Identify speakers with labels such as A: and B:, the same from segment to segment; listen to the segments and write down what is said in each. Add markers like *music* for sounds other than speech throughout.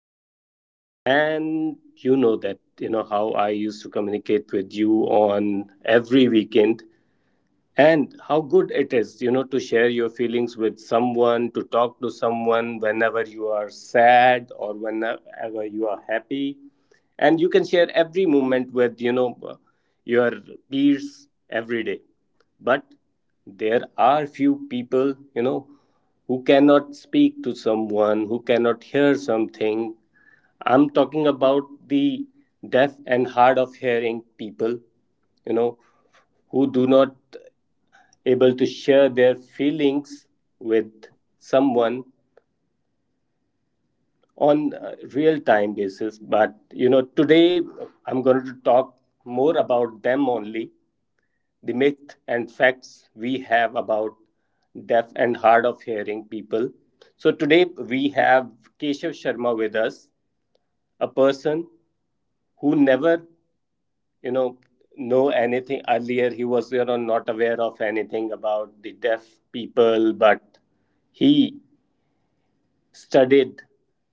A: Know, and you know that you know how I used to communicate with you on every weekend and how good it is, to share your feelings with someone, to talk to someone whenever you are sad or whenever you are happy. And you can share every moment with, your peers every day. But there are few people, who cannot speak to someone, who cannot hear something. I'm talking about the deaf and hard of hearing people you know who do not able to share their feelings with someone on a real time basis. But today I'm going to talk more about them only, the myth and facts we have about deaf and hard of hearing people. So today we have Keshav Sharma with us, a person who never, you know know anything earlier. He was not aware of anything about the deaf people, but he studied,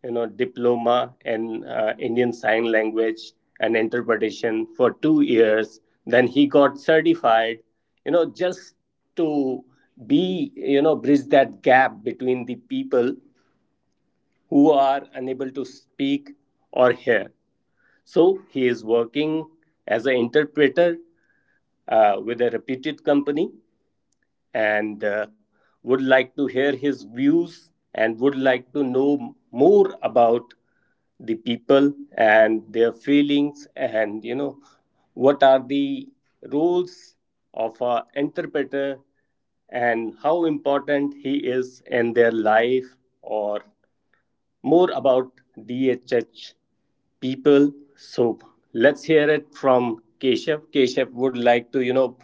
A: diploma in Indian sign language and interpretation for 2 years. Then he got certified, just to be, bridge that gap between the people who are unable to speak or hear. So he is working as an interpreter with a reputed company, and would like to hear his views and would like to know more about the people and their feelings, and what are the roles of an interpreter and how important he is in their life, or more about DHH people. So let's hear it from Keshav. Keshav, would like to,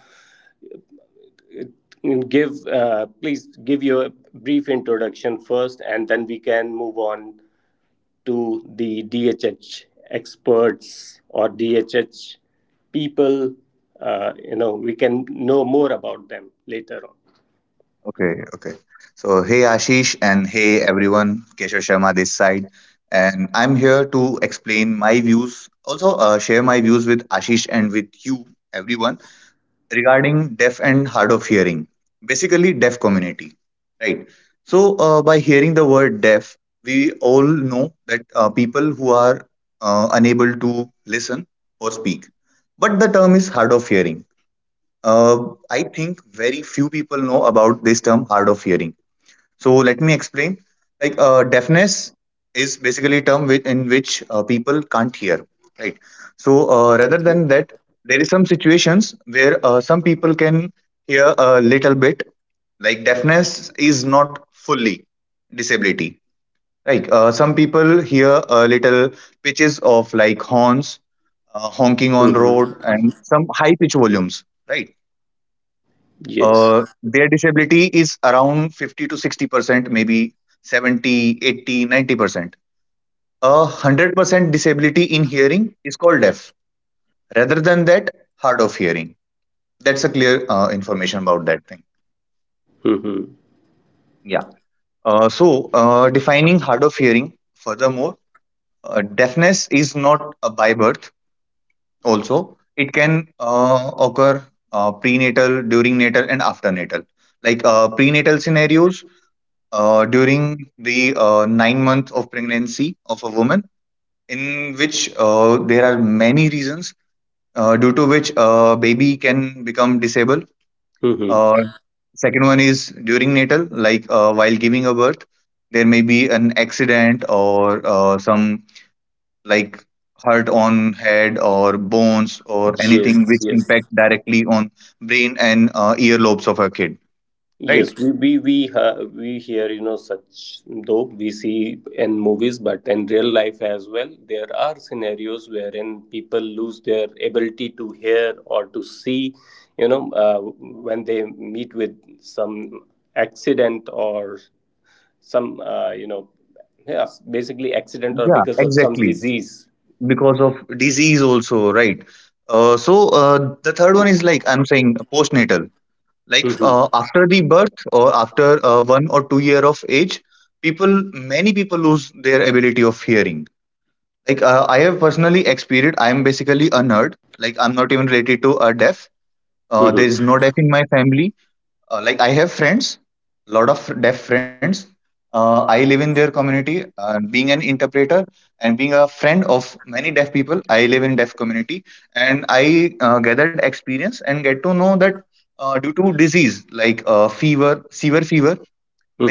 A: give please give your brief introduction first, and then we can move on to the DHH experts or DHH people. You know, we can know more about them later on.
B: Okay, okay. So, hey Ashish, and hey everyone, Keshav Sharma this side. And I'm here to explain my views, also share my views with Ashish and with you, everyone, regarding deaf and hard of hearing, basically deaf community, right? So, by hearing the word deaf, we all know that people who are unable to listen or speak. But the term is hard of hearing. Uh, I think very few people know about this term hard of hearing. So let me explain. Like deafness is basically a term with, in which people can't hear, right? So rather than that, there is some situations where some people can hear a little bit. Like deafness is not fully disability. Like some people hear a little pitches of like horns, honking on
A: Mhm.
B: road, and some high pitch volumes, right?
A: Yes.
B: Their disability is around 50 to 60%, maybe 70, 80, 90%. A 100% disability in hearing is called deaf. Rather than that, hard of hearing. That's a clear information about that thing.
A: Hmm.
B: Yeah. So defining hard of hearing furthermore. Deafness is not a by birth. Also it can occur prenatal, during natal, and after natal. Like prenatal scenarios, during the 9 months of pregnancy of a woman, in which there are many reasons due to which a baby can become disabled.
A: Hmm.
B: Uh, Second one is during natal, like while giving a birth, there may be an accident or some like hurt on head or bones or
A: Yes,
B: anything which
A: yes.
B: impact directly on brain and earlobes of a kid.
A: Yes,
B: Right?
A: we hear you know such, though we see in movies, but in real life as well, there are scenarios wherein people lose their ability to hear or to see, you know, when they meet with some accident or some yeah, basically accident or
B: Yeah,
A: because of some
B: exactly.
A: disease.
B: Because of disease also, right? So the third one is, like I'm saying, postnatal. Like
A: Mm-hmm.
B: after the birth or after 1 or 2 year of age, people, many people lose their ability of hearing. Like I have personally experienced. I am basically a nerd, like I'm not even related to a deaf. There
A: Mm-hmm.
B: is no deaf in my family. Like I have friends, lot of deaf friends. I live in their community, being an interpreter and being a friend of many deaf people. I live in deaf community, and I gathered experience and get to know that due to disease like fever, severe fever,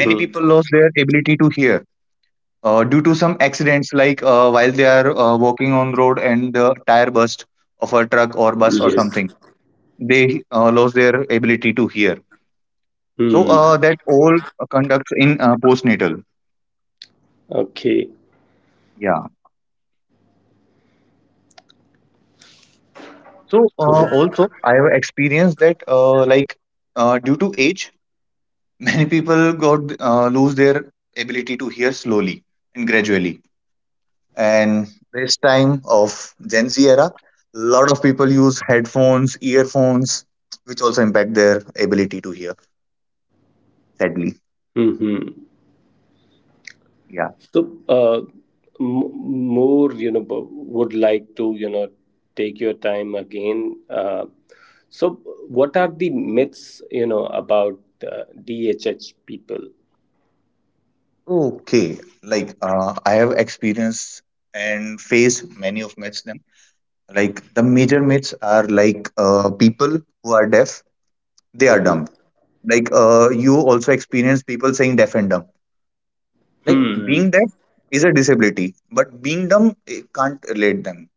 B: many people lost their ability to hear. Due to some accidents, like while they are walking on road and the tire burst of a truck or bus or
A: Yes.
B: something, they lost their ability to hear. So
A: Hmm.
B: that all conducts in postnatal.
A: Okay.
B: Yeah. So also I have experienced that like due to age, *laughs* many people got lose their ability to hear slowly and gradually. And this time of Gen Z era, lot of people use headphones, earphones, which also impact their ability to hear. Sadly,
A: Mm-hmm.
B: yeah.
A: So, more, you know, would like to, take your time again. So, what are the myths, you know, about DHH people?
B: Okay, like I have experienced and faced many of them. Like, the major myths are, like people who are deaf, they are dumb.
A: Mm-hmm.
B: Like you also experience people saying deaf and dumb. Like
A: Hmm.
B: being deaf is a disability, but being dumb it can't relate them.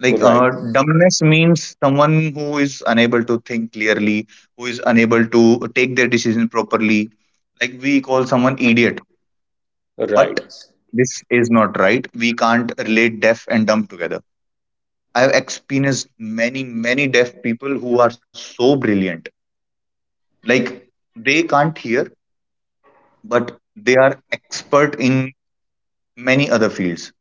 B: Like
A: Right.
B: dumbness means someone who is unable to think clearly, who is unable to take their decision properly. Like we call someone idiot,
A: Right.
B: but this is not right. We can't relate deaf and dumb together. I've experienced many, many deaf people who are so brilliant. Like they can't hear, but they are expert in many other fields.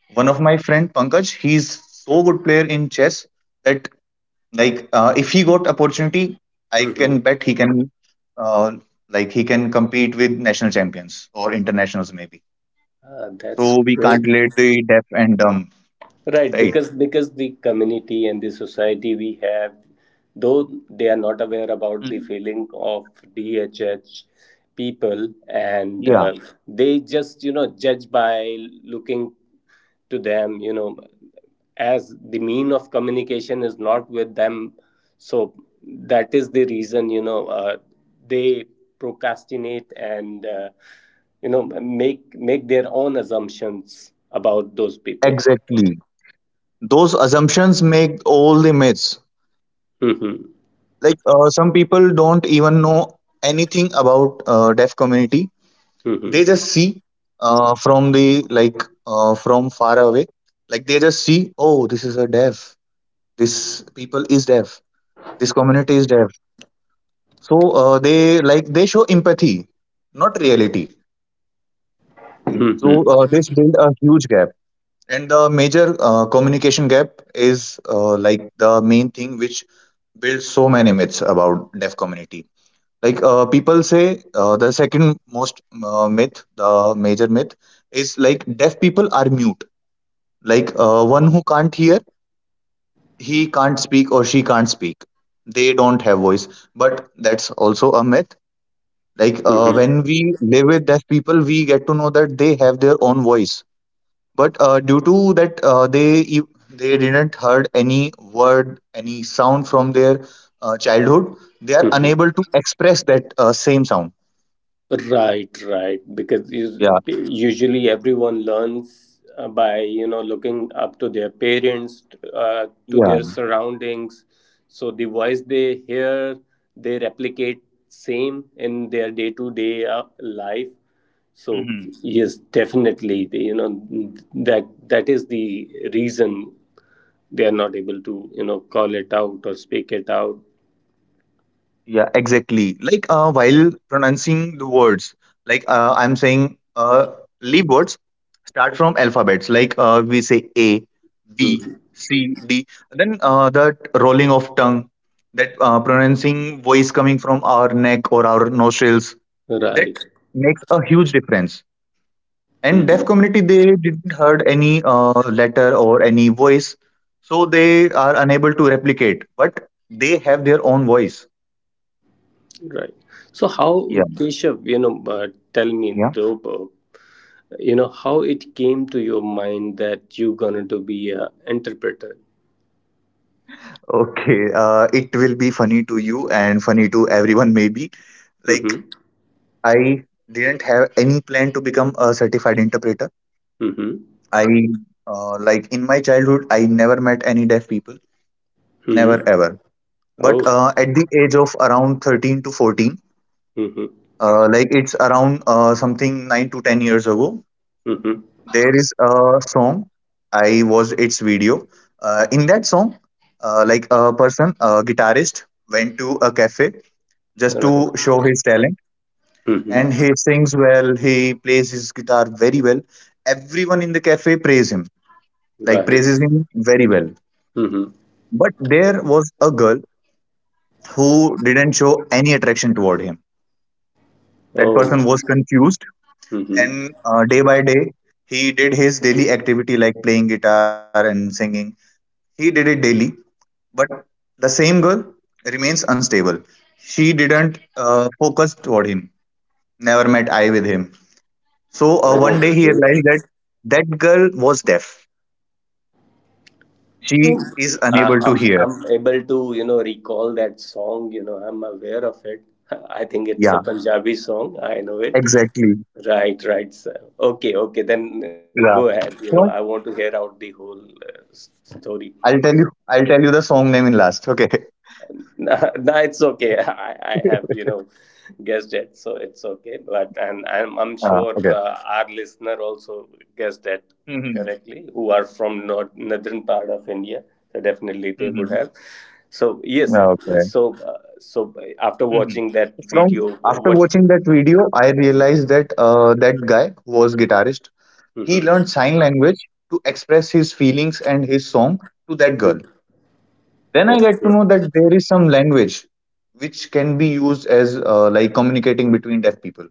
B: One of my friend Pankaj, he's so good player in chess that like if he got opportunity, I can
A: Mm-hmm.
B: bet he can uh, like he can compete with national champions or internationals maybe.
A: That's
B: So we can't
A: great.
B: relate the deaf and dumb,
A: Right,
B: right?
A: because the community and the society we have, though they are
B: Mm.
A: not aware about the feeling of DHH people,
B: Yeah,
A: and they just you know judge by looking to them, you know, as the mean of communication is not with them, so that is the reason they procrastinate and you know make their own assumptions about those people.
B: exactly. Those assumptions make all the myths.
A: Hmm.
B: Like some people don't even know anything about deaf community. They
A: Mhm.
B: just see from the like from far away. Like, they just see, oh, this is a deaf, this people is deaf, this community is deaf. So they, like, they show empathy, not reality, right? So
A: Mhm.
B: this build a huge gap, and the major communication gap is, like, the main thing which builds so many myths about deaf community. Like people say, the second most myth, the major myth, is like deaf people are mute. Like one who can't hear, he can't speak or she can't speak. They don't have voice. But that's also a myth. Like
A: Mhm.
B: when we live with deaf people, we get to know that they have their own voice. But due to that, they didn't heard any word, any sound from their childhood. They are
A: Mhm.
B: unable to express that same sound.
A: Right, right. Usually everyone learns by you know looking up to their parents, to
B: Yeah.
A: their surroundings. So the voice they hear, they replicate same in their day-to-day life. So
B: Mm-hmm.
A: yes, definitely. They, you know, that is the reason they are not able to you know call it out or speak it out.
B: Yeah, exactly. Like while pronouncing the words, like I'm saying, leave words start from alphabets. Like we say A, B,
A: Mhm.
B: C, D. Then that rolling of tongue, that pronouncing voice coming from our neck or our nostrils,
A: Right.
B: that makes a huge difference. And deaf
A: Mm-hmm.
B: community they didn't heard any letter or any voice, so they are unable to replicate. But they have their own voice.
A: Right. So how, Keshav, you know, tell me
B: Yeah.
A: though, you know, how it came to your mind that you gonna to be a interpreter?
B: Okay. It will be funny to you and funny to everyone, maybe. Like,
A: Mm-hmm.
B: I didn't have any plan to become a certified interpreter.
A: Mm-hmm.
B: I, like, in my childhood, I never met any deaf people, never
A: Mm-hmm.
B: ever. But
A: Oh.
B: at the age of around 13 to 14,
A: Mm-hmm.
B: like, it's around something 9 to 10 years ago,
A: Mm-hmm.
B: there is a song. I watched its video. In that song, like, a person, a guitarist, went to a cafe just
A: Right.
B: to show his talent. And
A: Mm-hmm.
B: he sings well, he plays his guitar very well. Everyone in the cafe praise him, like praises
A: Right.
B: him very well.
A: Mm-hmm.
B: But there was a girl who didn't show any attraction toward him. That
A: Oh.
B: person was confused,
A: Mm-hmm.
B: and day by day, he did his daily activity like playing guitar and singing. He did it daily, but the same girl remains unstable. She didn't focus toward him, never met eye with him. So one day he
A: Okay.
B: realized that that girl was deaf.
A: Oh.
B: She is unable to hear.
A: I'm able to you know recall that song. You know, I'm aware of it. *laughs* I think it's a
B: Yeah,
A: Punjabi song. I know it.
B: exactly.
A: Right, right, sir. Okay, okay, then go
B: Yeah.
A: ahead. You know, I
B: So
A: want to hear out the whole story. *laughs*
B: I'll tell you the song name in last. Okay.
A: Nah, nah, it's okay. *laughs* I
B: *laughs*
A: have, you know, guessed it, so it's okay. But and I'm, I'm
B: Okay.
A: sure our listener also guessed that
B: Hmm.
A: correctly, who are from north, northern part of India. So definitely they would
B: Hmm.
A: have. So yes,
B: Yeah, okay.
A: so so after
B: Hmm.
A: watching that
B: From
A: video,
B: after
A: what?
B: watching that video, I realized
A: Mm-hmm.
B: that that guy who was guitarist. He
A: Mm-hmm.
B: learned sign language to express his feelings and his song to that girl. Then I get
A: Okay.
B: to know that there is some language which can be used as like communicating between deaf people.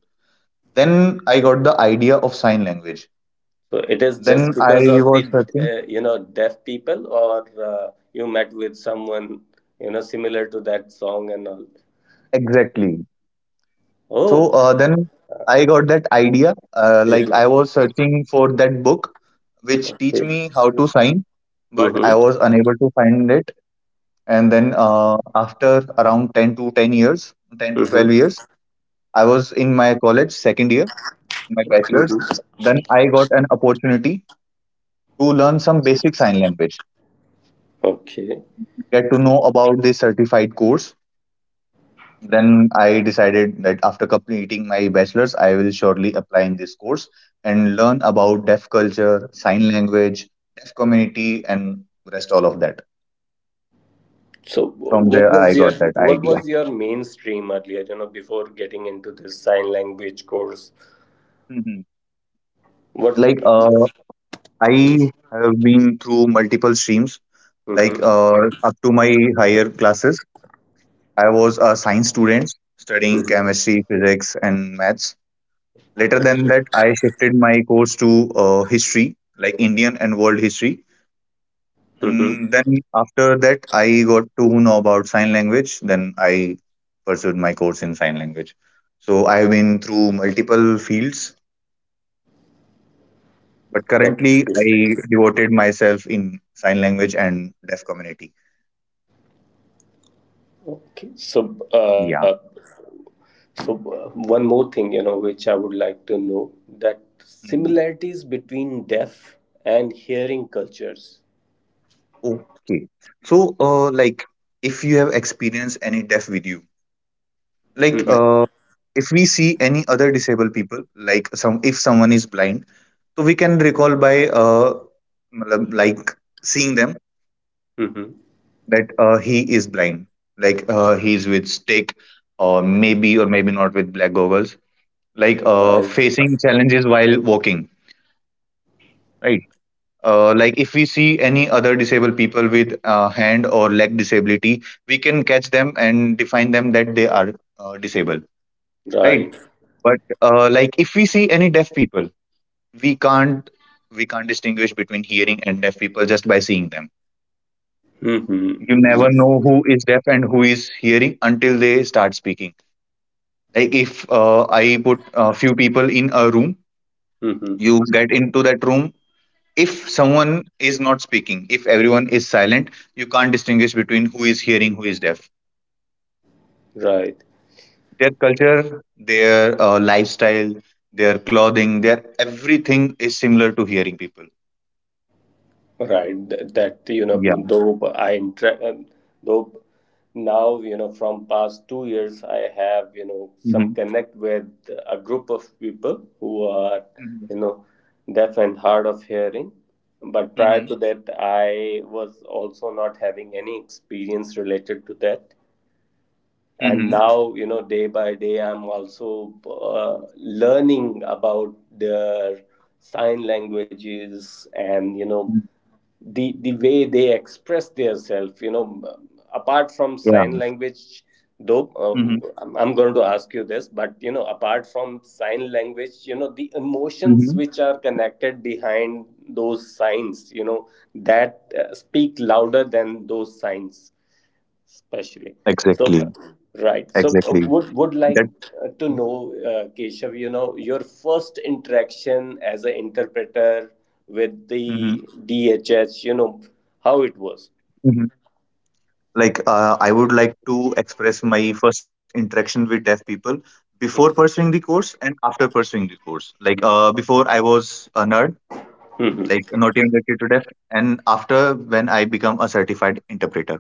B: Then I got the idea of sign language.
A: So it is just
B: Then I
A: because of the
B: was searching.
A: you know deaf people, or you met with someone you know similar to that song and all.
B: Exactly.
A: Oh,
B: So then I got that idea. Like I
A: Mhm.
B: was searching for that book which teach
A: Okay.
B: me how to sign, but I
A: Mm-hmm.
B: was unable to find it. And then after around ten to twelve
A: Mm-hmm.
B: years, I was in my college second year, my bachelor's.
A: Mm-hmm.
B: Then I got an opportunity to learn some basic sign language,
A: Okay.
B: get to know about the certified course. Then I decided that after completing my bachelor's, I will surely apply in this course and learn about deaf culture, sign language, deaf community, and rest all of that.
A: So
B: From
A: what
B: there, I
A: was your,
B: got that
A: what
B: idea.
A: was your mainstream earlier? You know, before getting into this sign language course,
B: Mhm.
A: what?
B: Like, I
A: Mm-hmm.
B: have been through multiple streams, like
A: Mm-hmm.
B: up to my higher classes. I was a science student studying chemistry, physics, and maths. Later than that, I shifted my course to history, like Indian and world history.
A: Mm-hmm.
B: And then after that, I got to know about sign language. Then I pursued my course in sign language. So I've been through multiple fields, but currently
A: Okay.
B: I devoted myself in sign language and deaf community.
A: Okay. So, uh,
B: Yeah.
A: One more thing, you know, which I would like to know, that
B: Mhm.
A: similarities between deaf and hearing cultures.
B: Okay. So, if you have experienced any deaf with you, like
A: Mm-hmm.
B: uh, if we see any other disabled people, like some if someone is blind, so we can recall by मतलब like seeing them
A: Mm-hmm.
B: that he is blind, like he is with stick, or maybe, or maybe not, with black goggles, like
A: Right.
B: facing challenges while walking, right. Like if we see any other disabled people with hand or leg disability, we can catch them and define them that they are disabled, right.
A: Right.
B: But like if we see any deaf people, we can't we can't distinguish between hearing and deaf people just by seeing them.
A: Mm-hmm.
B: You never
A: Yes.
B: know who is deaf and who is hearing until they start speaking. Like, if I put a few people in a room,
A: Mm-hmm.
B: you get into that room, if someone is not speaking, if everyone is silent, you can't distinguish between who is hearing, who is deaf.
A: Right.
B: Their culture, their lifestyle, their clothing, their everything is similar to hearing people.
A: Right, that you know,
B: Yeah.
A: though though now you know from past 2 years I have you know some
B: Hmm.
A: connect with a group of people who are you know deaf and hard of hearing, but prior
B: Hmm.
A: to that I was also not having any experience related to that.
B: Hmm.
A: And now you know day by day I'm also learning about their sign languages and you know the way they express themselves, you know, apart from sign
B: Hmm.
A: language. Though
B: Mm-hmm.
A: I'm going to ask you this, but you know apart from sign language you know the
B: Mm-hmm.
A: emotions which are connected behind those signs, you know, that speak louder than those signs, especially.
B: Exactly.
A: So right. So
B: Exactly.
A: would
B: That.
A: like to know, Keshav, you know, your first interaction as an interpreter with
B: Mm-hmm.
A: the DHS, you know, how it was.
B: Mm-hmm. Like, I would like to express my first interaction with deaf people before pursuing
A: Mm-hmm.
B: the course and after pursuing the course. Like, before I was a nerd, like
A: Mm-hmm.
B: not even related to deaf, and after, when I become a certified interpreter.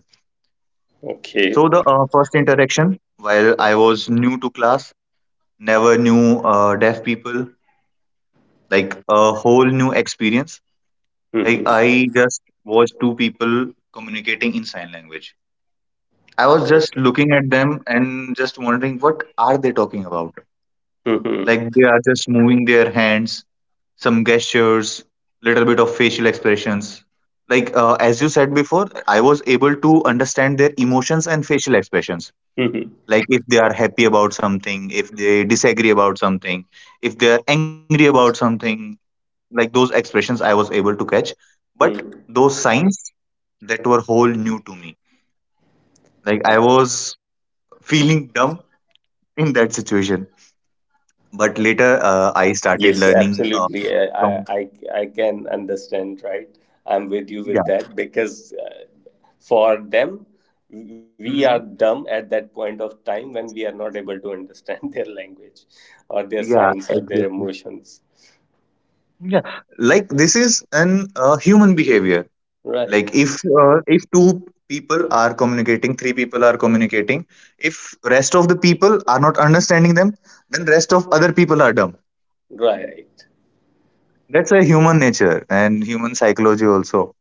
A: Okay.
B: So the first interaction, while I was new to class, never knew deaf people, like a whole new experience. I,
A: Mm-hmm.
B: I just watched two people communicating in sign language. I was just
A: Okay.
B: looking at them and just wondering what are they talking about? Like
A: Mm-hmm.
B: they are just moving their hands, some gestures, little bit of facial expressions. Like, as you said before, I was able to understand their emotions and facial expressions.
A: Mm-hmm.
B: Like if they are happy about something, if they disagree about something, if they are angry about something, like those expressions I was able to catch. But
A: Mm-hmm.
B: those signs that were whole new to me. Like I was feeling dumb in that situation, but later I started
A: Yes,
B: learning
A: absolutely. I, I,
B: from,
A: I I can understand, right? I'm with you with
B: yeah.
A: that, because for them, we are
B: Hmm.
A: dumb at that point of time when we are not able to understand *laughs* their language or their
B: Yeah,
A: signs or their
B: exactly.
A: emotions.
B: Yeah, like this is an human behavior.
A: Right,
B: Like, if two people are communicating, three people are communicating. If rest of the people are not understanding them, then rest of other people are dumb.
A: right.
B: That's a human nature and human psychology also.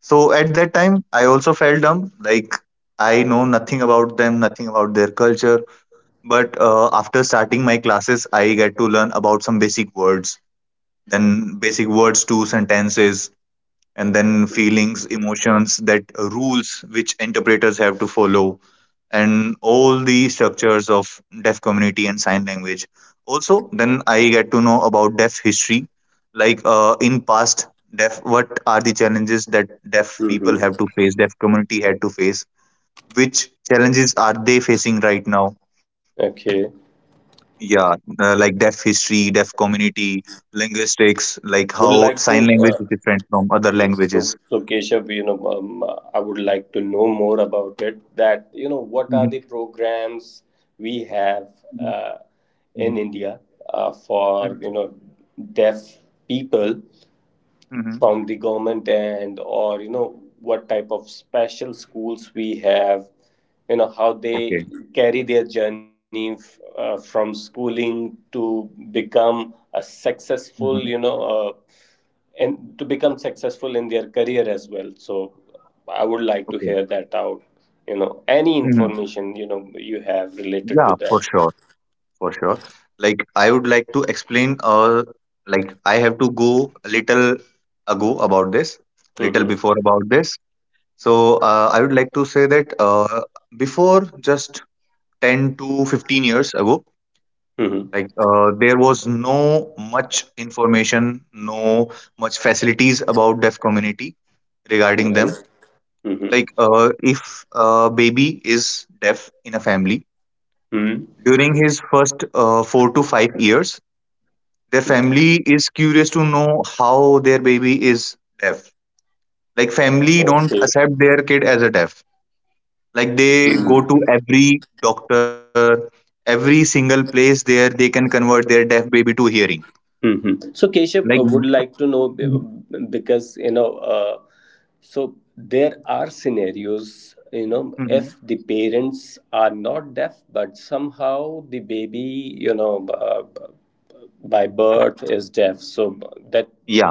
B: So at that time, I also felt dumb. Like I know nothing about them, nothing about their culture. But after starting my classes, I get to learn about some basic words, then basic words to sentences, and then feelings, emotions, that rules which interpreters have to follow, and all the structures of deaf community and sign language. Also, then I get to know about deaf history, like in past, deaf, what are the challenges that deaf people
A: Mm-hmm.
B: have to face, deaf community had to face, which challenges are they facing right now.
A: Okay.
B: Yeah. Like deaf history, deaf community, linguistics, like
A: Would
B: how
A: like
B: sign
A: to.
B: language is different from other
A: Yes. So,
B: languages.
A: so Keshav, I would like to know more about it. That you know, what
B: Mhm,
A: are the programs we have
B: mhm,
A: uh,
B: mhm,
A: in India for
B: mhm,
A: you know deaf people,
B: mhm.
A: from the government and or you know what type of special schools we have, you know, how
B: Okay.
A: they carry their journey, from schooling to become a successful, you
B: Mhm.
A: know, and to become successful in their career as well. So I would like to
B: Okay.
A: hear that out, you know, any
B: Mhm.
A: information you know you have related to
B: Yeah, for
A: that.
B: sure. For sure. Like I would like to explain, like I have to go a little ago about this, little
A: Mm-hmm.
B: before about this. So, I would like to say that before, just 10 to 15 years ago,
A: Mm-hmm.
B: there was no much information, no much facilities about deaf community regarding
A: Right.
B: them.
A: Mm-hmm.
B: Like, if a baby is deaf in a family,
A: Mm-hmm.
B: during his first 4 to 5 years, their family is curious to know how their baby is deaf, like family don't
A: Okay.
B: accept their kid as a deaf. Like they go
A: Hmm.
B: to every doctor, every single place there they can convert their deaf baby to hearing,
A: Hmm. So
B: like.
A: Keshav,
B: Mhm.
A: would like to know, because you know, so there are scenarios you know
B: Mhm.
A: if the parents are not deaf but somehow the baby you know by birth is deaf. So that,
B: Yeah.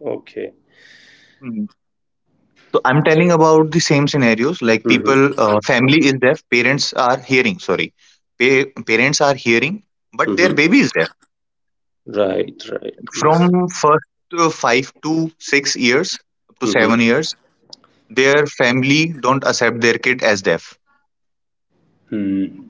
A: okay.
B: Mhm. So I'm telling about the same scenarios. Like people,
A: Hmm.
B: family is deaf, parents are hearing, sorry, parents are hearing, but their
A: Hmm.
B: baby is deaf.
A: Right, right. Yes.
B: From first 5 to 6 years, up to
A: Mm-hmm.
B: 7 years, their family don't accept their kid as deaf.
A: Hmm.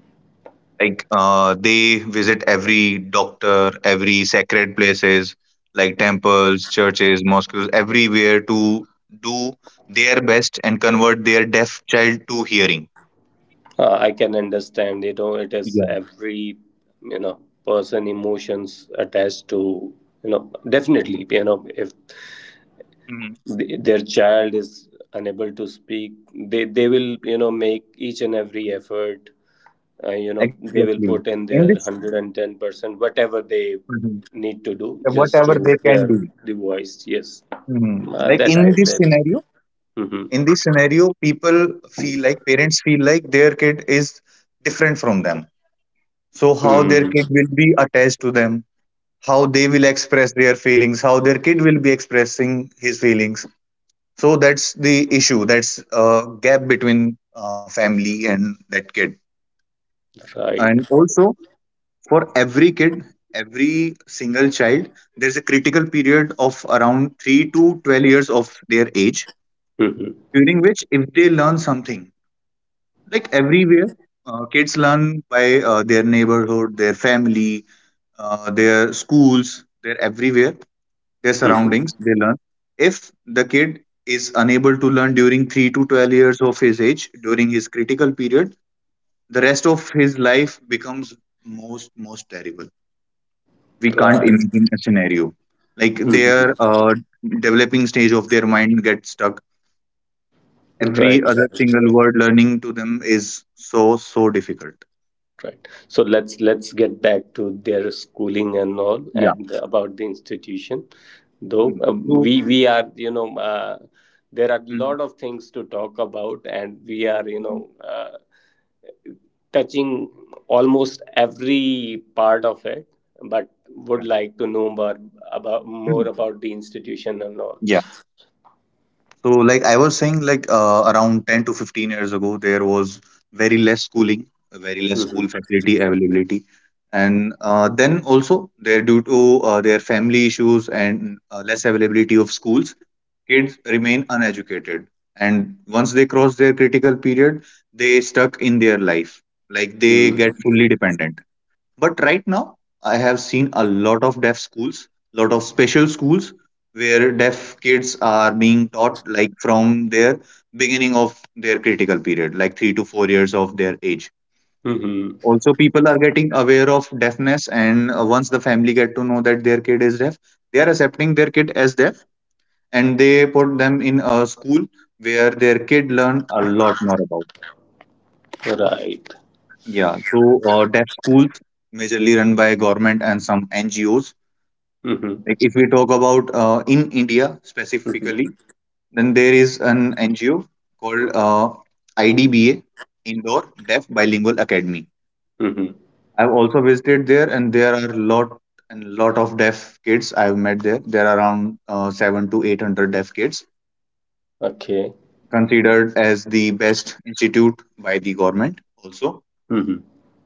B: Like, they visit every doctor, every sacred places like temples, churches, mosques, everywhere to do their best and convert their deaf child to hearing.
A: I can understand. You know, it is
B: Yeah.
A: every you know person emotions attached to, you know, definitely you know if
B: Mhm.
A: their child is unable to speak, they will you know make each and every effort, you know they will
B: Exactly.
A: put in
B: In
A: their
B: this,
A: 110%, whatever they
B: Mhm.
A: need to do just to
B: Whatever they
A: hear
B: can do.
A: the voice. Yes.
B: Mhm. Like
A: That I
B: in this
A: that
B: scenario,
A: Hmm.
B: people feel like, parents feel like, their kid is different from them. So how their
A: Hmm.
B: kid will be attached to them, how they will express their feelings, how their kid will be expressing his feelings. So that's the issue. That's a gap between family and that kid.
A: Right,
B: And
A: right.
B: also, for every kid, every single child, there's a critical period of around 3 to 12 years of their age,
A: Hmm.
B: during which, if they learn something, like, everywhere, kids learn by their neighborhood, their family, their schools, they're everywhere, their surroundings
A: Hmm.
B: they learn. If the kid is unable to learn during 3 to 12 years of his age, during his critical period, the rest of his life becomes most terrible. We can't imagine
A: Right.
B: a scenario. Like their
A: Hmm.
B: developing stage of their mind gets stuck. Every other
A: Right,
B: single word learning to them is so difficult.
A: right. So let's get back to their schooling and all
B: Yeah.
A: and about the institution. Though
B: Hmm. So.
A: we are you know there are a
B: Hmm.
A: lot of things to talk about, and we are you
B: Hmm, hmm.
A: know touching almost every part of it, but would
B: Yeah.
A: like to know more about, more
B: Hmm.
A: about the institution and all.
B: So, like I was saying, around 10 to 15 years ago, there was very less schooling, very less school
A: Mm-hmm.
B: facility availability. And then also, there due to their family issues and less availability of schools, kids remain uneducated. And once they cross their critical period, they stuck in their life, like they get fully dependent. But right now, I have seen a lot of deaf schools, lot of special schools where deaf kids are being taught like from their beginning of their critical period, like 3 to 4 years of their age.
A: Mm-hmm.
B: Also, people are getting aware of deafness, and, once the family get to know that their kid is deaf, they are accepting their kid as deaf, and they put them in a school where their kid learn a lot more about.
A: Right.
B: Yeah, so, deaf schools majorly run by government and some NGOs.
A: Mm-hmm.
B: Like if we talk about in India specifically, then there is an NGO called IDBA, Indoor Deaf Bilingual Academy.
A: Mm-hmm.
B: I've also visited there, and there are lot and lot of deaf kids I've met there. There are around seven to eight hundred deaf kids,
A: Okay.
B: considered as the best institute by the government. Also,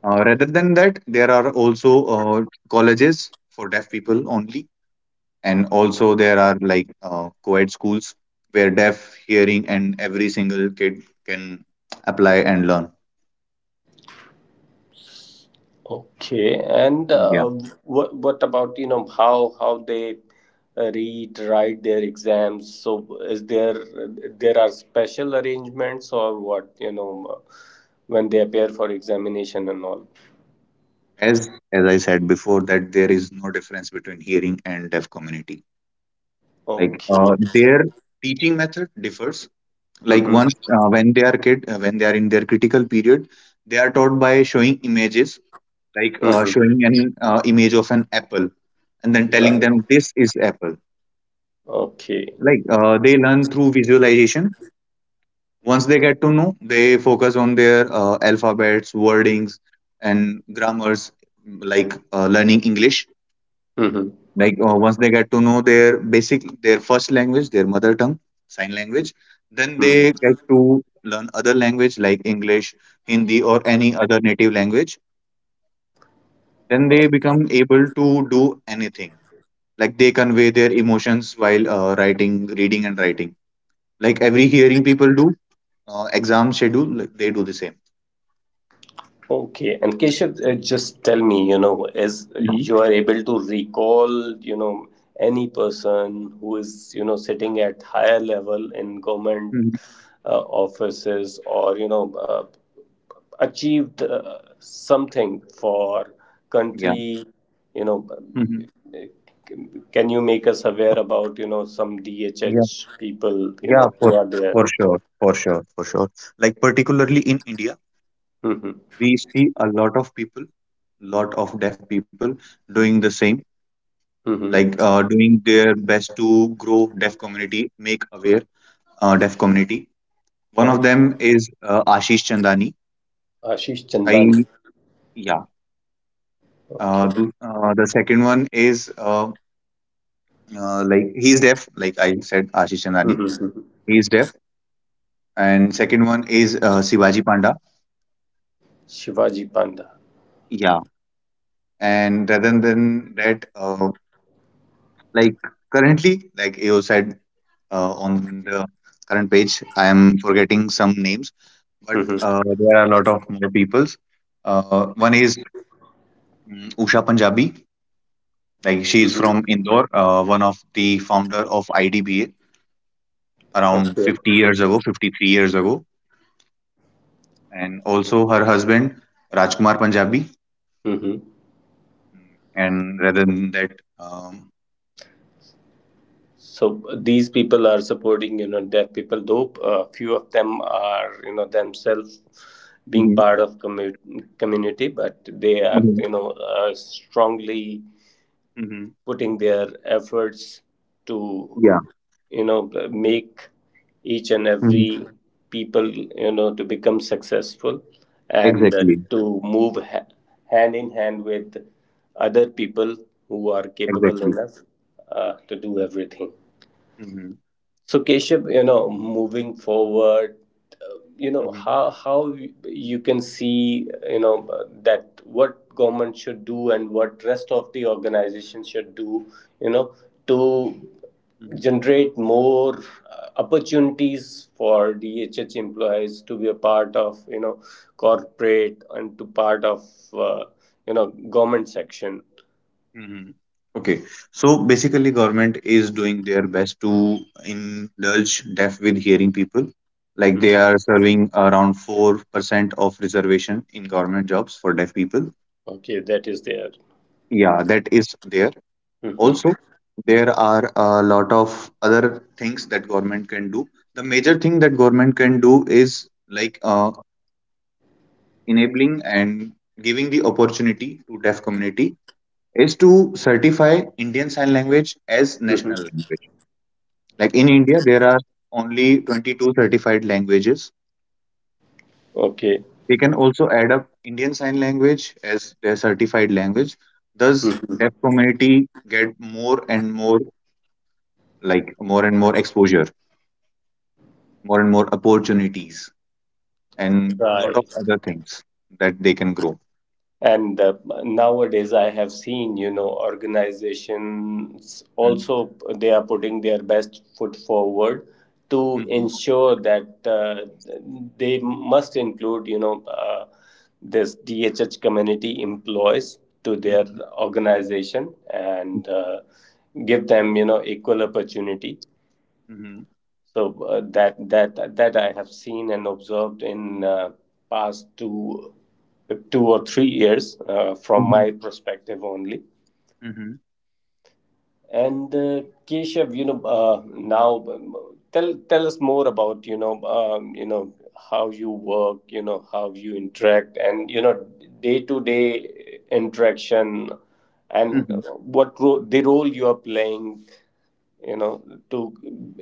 B: rather than that, there are also colleges for deaf people only. And also there are like, co-ed schools where deaf, hearing, and every single kid can apply and learn.
A: Okay, and
B: Yeah.
A: what about you know how they read, write their exams? So is there, there are special arrangements or what, you know, uh, when they appear for examination and all?
B: As I said before, that there is no difference between hearing and deaf community. Like,
A: Okay.
B: their teaching method differs. Like once
A: Mm-hmm.
B: uh, when they are kid, when they are in their critical period, they are taught by showing images, like
A: Mm-hmm.
B: showing an image of an apple and then telling
A: Right.
B: them this is apple.
A: Okay.
B: They learn through visualization. Once they get to know, they focus on their alphabets, wordings, and grammars, like learning English.
A: Mm-hmm.
B: Like, once they get to know their basic, their first language, their mother tongue, sign language, then they get
A: Mm-hmm.
B: to learn other language like English, Hindi, or any other native language. Then they become able to do anything. Like they convey their emotions while writing, reading, and writing. Like every hearing people do, exam schedule, like, they do the same.
A: Okay, and Keshav, just tell me, you know, is you are able to recall, you know, any person who is, you know, sitting at higher level in government
B: Mhm.
A: offices or, you know, achieved something for
B: Yeah.
A: country, you know,
B: Mhm.
A: can you make us aware about, you know, some
B: Yeah,
A: DHH people, you
B: yeah,
A: know, who
B: for
A: are there?
B: for sure, for sure, for sure. Like particularly in India,
A: Mm-hmm.
B: we see a lot of people, lot of deaf people doing the same, like
A: Mm-hmm.
B: uh, doing their best to grow deaf community, make aware deaf community. One of
A: Right.
B: them is Ashish Chandani.
A: Ashish
B: I
A: Chandani.
B: Yeah. Uh,
A: Okay.
B: the, uh, the second one is like he's deaf, like I said, Ashish Chandani.
A: *laughs*
B: He's deaf, and second one is Sivaji Panda.
A: Shivaji Panda.
B: Yeah. And rather than that, like currently, like you said, on the current page I am forgetting some names, but
A: Mm-hmm.
B: there are a lot of more peoples. One is Usha Punjabi, like she is from
A: Mm-hmm.
B: Indore, one of the founder of IDBA around
A: Okay.
B: 50 years ago, 53 years ago. And also her husband, Rajkumar Punjabi.
A: Mm-hmm.
B: And rather than that, um,
A: So these people are supporting, you know, deaf people, though few of them are, you know, themselves being
B: Mhm,
A: part of community, but they are,
B: mhm,
A: you know, strongly
B: mhm.
A: putting their efforts to
B: Yeah.
A: you know make each and
B: Mhm.
A: every people you know to become successful, and
B: Exactly.
A: to move hand in hand with other people who are capable
B: Exactly.
A: enough to do everything.
B: Mm-hmm.
A: So Keshav, you know, moving forward, you know
B: Mm-hmm.
A: how you can see, you know, that what government should do and what rest of the organization should do, you know, to
B: Mm-hmm.
A: generate more opportunities for DHH employees to be a part of, you know, corporate and to part of, uh, you know, government section.
B: Mm-hmm. Okay, so basically, government is doing their best to indulge deaf with hearing people. Like they
A: Mhm.
B: are serving around 4% of reservation in government jobs for deaf people.
A: Okay, that is there.
B: Yeah, that is there.
A: Hmm.
B: Also, there are a lot of other things that government can do. The major thing that government can do is like enabling and giving the opportunity to deaf community is to certify Indian Sign Language as national language. Like in India, there are only 22 certified languages.
A: Okay.
B: They can also add up Indian Sign Language as their certified language. Thus,
A: Mhm.
B: deaf community get more and more, like more and more exposure, more and more opportunities, and lot of
A: Right.
B: other things that they can grow.
A: and Nowadays I have seen, you know, organizations
B: Mhm.
A: also, they are putting their best foot forward to
B: Mhm.
A: ensure that they must include, you know, this DHH community employees to their
B: Mhm.
A: organization, and give them, you know, equal opportunity.
B: Mhm.
A: So that I have seen and observed in past two or three years, from
B: Mhm.
A: my perspective only.
B: Mhm.
A: And Keshav, you know, now, tell us more about, you know, you know, how you work, you know, how you interact, and, you know, day to day interaction, and
B: Mhm.
A: the role you are playing, you know, to,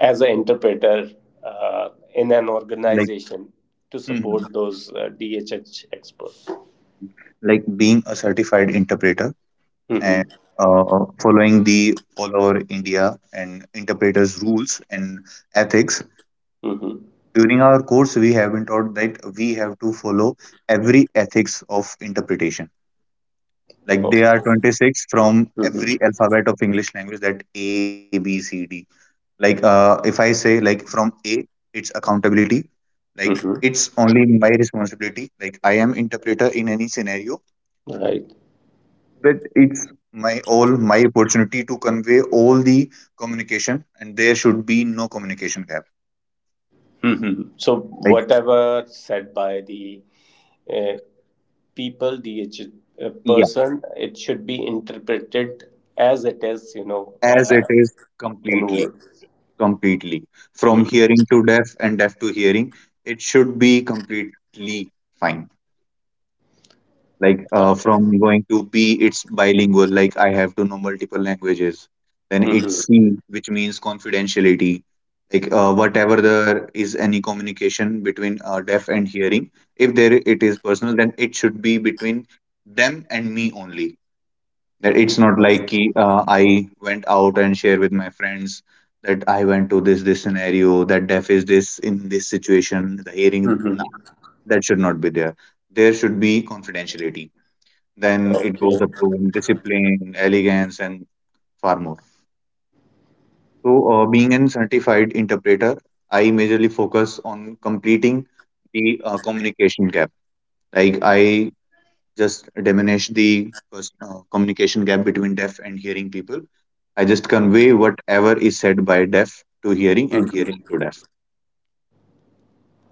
A: as an interpreter, uh, in an
B: Like.
A: organization, to
B: Mhm.
A: support those DHH experts.
B: Like being a certified interpreter
A: Hmm.
B: and following the all over India and interpreters' rules and ethics.
A: Hmm.
B: During our course, we have been taught that we have to follow every ethics of interpretation. Like
A: Oh.
B: there are 26 from
A: Hmm.
B: every alphabet of English language that A, B, C, D. Like, if I say like from A, it's accountability. Like
A: Hmm.
B: it's only my responsibility. Like I am interpreter in any scenario.
A: Right.
B: But it's my all my opportunity to convey all the communication, and there should be no communication gap.
A: Hmm. So
B: like
A: whatever said by the uh, people, DHH
B: yeah,
A: person, it should be interpreted as it is, you know,
B: as it is
A: in
B: completely,
A: words.
B: completely from
A: Mm.
B: hearing to deaf and deaf to hearing, it should be completely fine.
A: Right.
B: From going to B, it's bilingual, like I have to know multiple languages. Then it's
A: Hmm.
B: C, which means confidentiality, whatever there is any communication between deaf and hearing, if there it is personal, then it should be between them and me only. That it's not like ki, I went out and share with my friends that I went to this scenario, that deaf is this in this situation, the hearing, no,
A: Hmm.
B: that should not be there. There should be confidentiality. Then it goes
A: Okay.
B: up to discipline, elegance, and far more. So, being a certified interpreter, I majorly focus on completing the communication gap. Like I just diminish the communication gap between deaf and hearing people. I just convey whatever is said by deaf to hearing and hearing to deaf.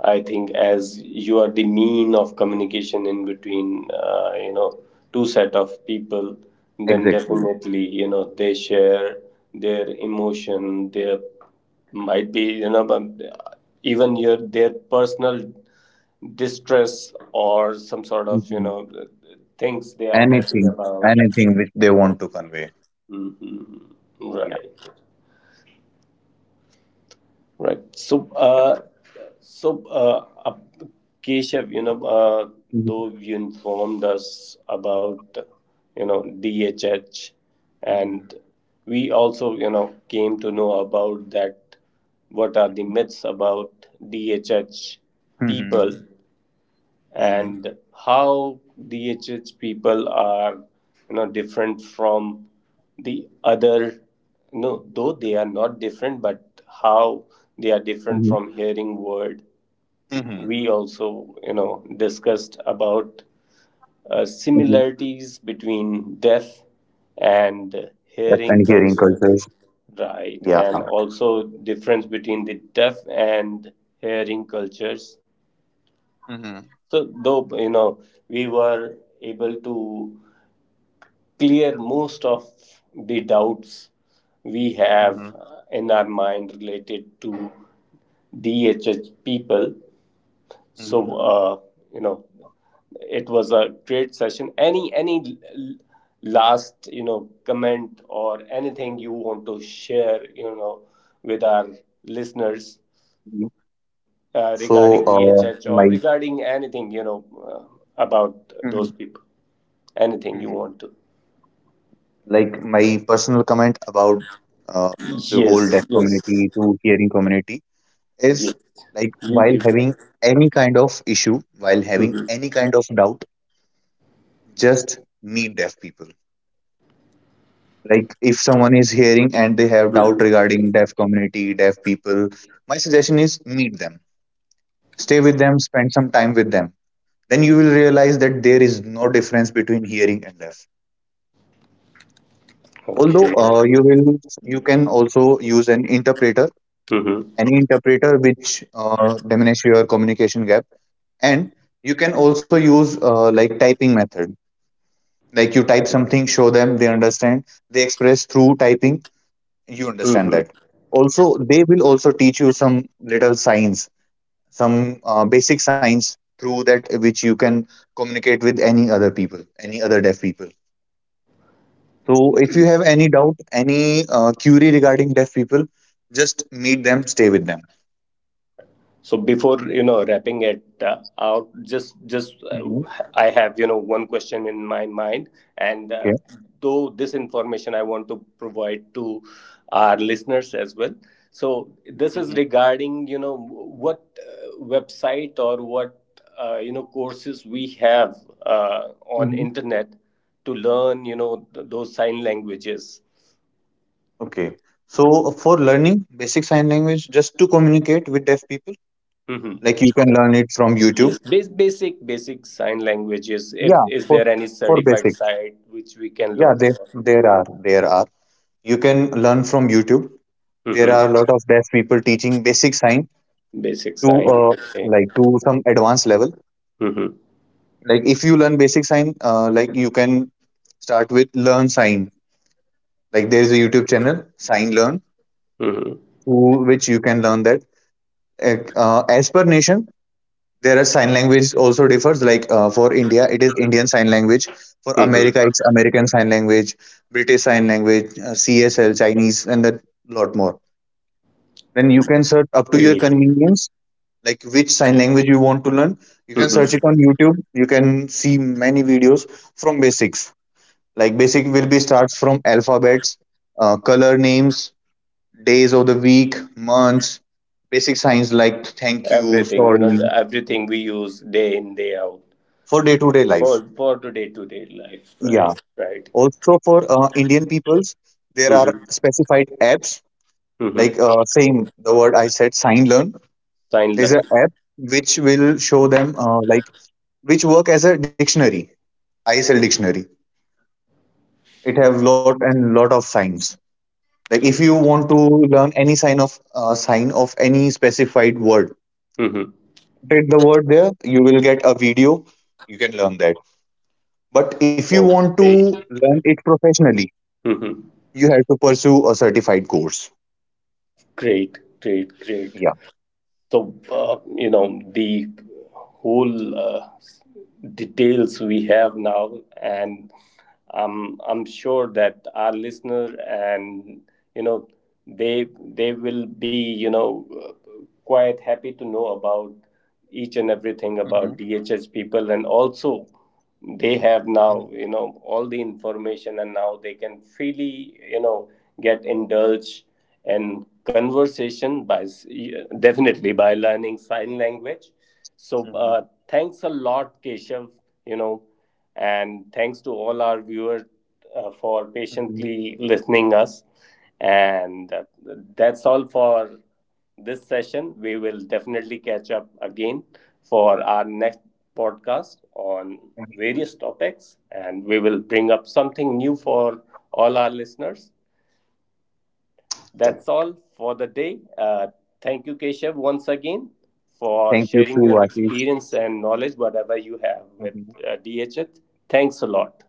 A: I think as you are the mean of communication in between, you know, two set of people, then
B: Exactly.
A: definitely, you know, they share their emotion, their, might be, you know, but even your their personal distress or some sort of, you
B: Mhm.
A: know, things they are happy
B: Anything,
A: about.
B: anything which they want to convey. Yeah.
A: Right. Right. So,
B: Yeah.
A: so Keshav, you know,
B: hmm
A: though you informed us about, you know, DHH, and we also, you know, came to know about that. What are the
B: hmm
A: myths about DHH people?
B: hmm
A: And how DHH people are, you know, different from the other? No, though they are not different, but how they are different from
B: hmm
A: hearing word. We
B: hmm
A: also, you know, discussed about
B: Mhm.
A: similarities between deaf and
B: Yes,
A: hearing
B: and hearing
A: culture,
B: cultures.
A: right?
B: Yeah.
A: And also difference between the deaf and hearing cultures.
B: Mm-hmm.
A: So, though, you know, we were able to clear most of the doubts we have
B: Mm-hmm.
A: in our mind related to DHH people, so
B: mm
A: you know, it was a great session. Any last, you know, comment or anything you want to share, you know, with our listeners,
B: Mhm. So,
A: regarding
B: uh,
A: DHH or
B: my
A: regarding anything, you know, about
B: Mm-hmm.
A: those people? Anything you
B: Mm-hmm.
A: want to.
B: My personal comment about uh, the whole
A: Yes,
B: deaf
A: yes,
B: community to hearing community
A: yes.
B: is, like,
A: You
B: while
A: you can.
B: having any kind of issue, while having
A: Hmm.
B: any kind of doubt, just meet deaf people. Like if someone is hearing and they have
A: Hmm.
B: doubt regarding deaf community, deaf people, my suggestion is meet them. Stay with them, spend some time with them, then you will realize that there is no difference between hearing and deaf. Although
A: Okay.
B: you will You can also use an interpreter,
A: Hmm.
B: any interpreter which diminish your communication gap. And you can also use like typing method, like you type something, show them, they understand, they express through typing, you understand
A: Hmm.
B: that. Also, they will also teach you some little signs, some basic signs, through that which you can communicate with any other people, any other deaf people. So if you have any doubt, any query regarding deaf people, just meet them, stay with them.
A: So before, you know, wrapping it out, just
B: Mhm.
A: I have, you know, one question in my mind, and
B: Okay.
A: though this information I want to provide to our listeners as well. So
B: Mhm.
A: this is regarding, you know, what website or what you know, courses we have on
B: Mhm.
A: internet to learn, you know, those sign languages.
B: Okay. So for learning basic sign language, just to communicate with deaf people,
A: Mm-hmm.
B: like you can learn it from YouTube.
A: Yes, basic sign languages. If
B: Yeah,
A: is
B: for
A: there any certified
B: basic.
A: site which we can
B: Yeah,
A: look
B: there
A: for?
B: there are. You can learn from YouTube. There
A: Hmm.
B: are a lot of deaf people teaching basic sign
A: Basic
B: to
A: sign. Okay.
B: like to some advanced level.
A: Mm-hmm.
B: Like if you learn basic sign, like you can start with learn sign. Like there's a YouTube channel, Sign Learn,
A: Mm-hmm.
B: to which you can learn that. Like, as per nation, there are sign language also differs. Like for India, it is Indian Sign Language. For America,
A: Mm-hmm.
B: it's American Sign Language, British Sign Language, CSL, Chinese, and that lot more. Then you can search up to your
A: Very.
B: convenience, like which sign language you want to learn. You can search it
A: Mm-hmm.
B: on YouTube. You can see many videos from basics. Like basic will be starts from alphabets, color names, days of the week, months, basic signs like thank you,
A: Everything, you know,
B: sorry,
A: everything we use day in day out
B: for day to day life.
A: for today to day life.
B: Yeah.
A: Right. Right.
B: Also, for Indian peoples, there are
A: Mm-hmm.
B: specified apps like
A: Mm-hmm.
B: same the word I said, sign learn.
A: Sign
B: There's an
A: language.
B: app which will show them like which work as a dictionary, ISL dictionary. It have lot and lot of signs. Like if you want to learn any sign of any specified word,
A: Mm-hmm.
B: read the word there. You will get a video. You can learn that. But if you want to
A: Okay.
B: learn it professionally,
A: Mm-hmm.
B: you have to pursue a certified course.
A: Great. Great. Great.
B: Yeah.
A: So, you know, the whole details we have now, and I'm sure that our listener and, you know, they will be, you know, quite happy to know about each and everything about DHS people, and also they have now, you know, all the information and now they can freely, you know, get indulged in conversation by definitely by learning sign language. So thanks a lot, Keshav, you know, and thanks to all our viewers for
B: Mhm.
A: patiently listening us, and that's all for this session. We will definitely catch up again for our next podcast on various topics, and we will bring up something new for all our listeners.
B: Yeah.
A: That's all for the day. Thank you, Keshav, once again for
B: Thank you
A: sharing
B: too,
A: your
B: Ashish.
A: experience and knowledge, whatever you have with
B: Mhm.
A: DHH. Thanks a lot.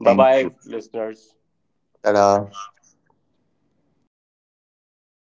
A: Bye
B: Thank
A: bye,
B: you.
A: listeners.
B: Ta-da.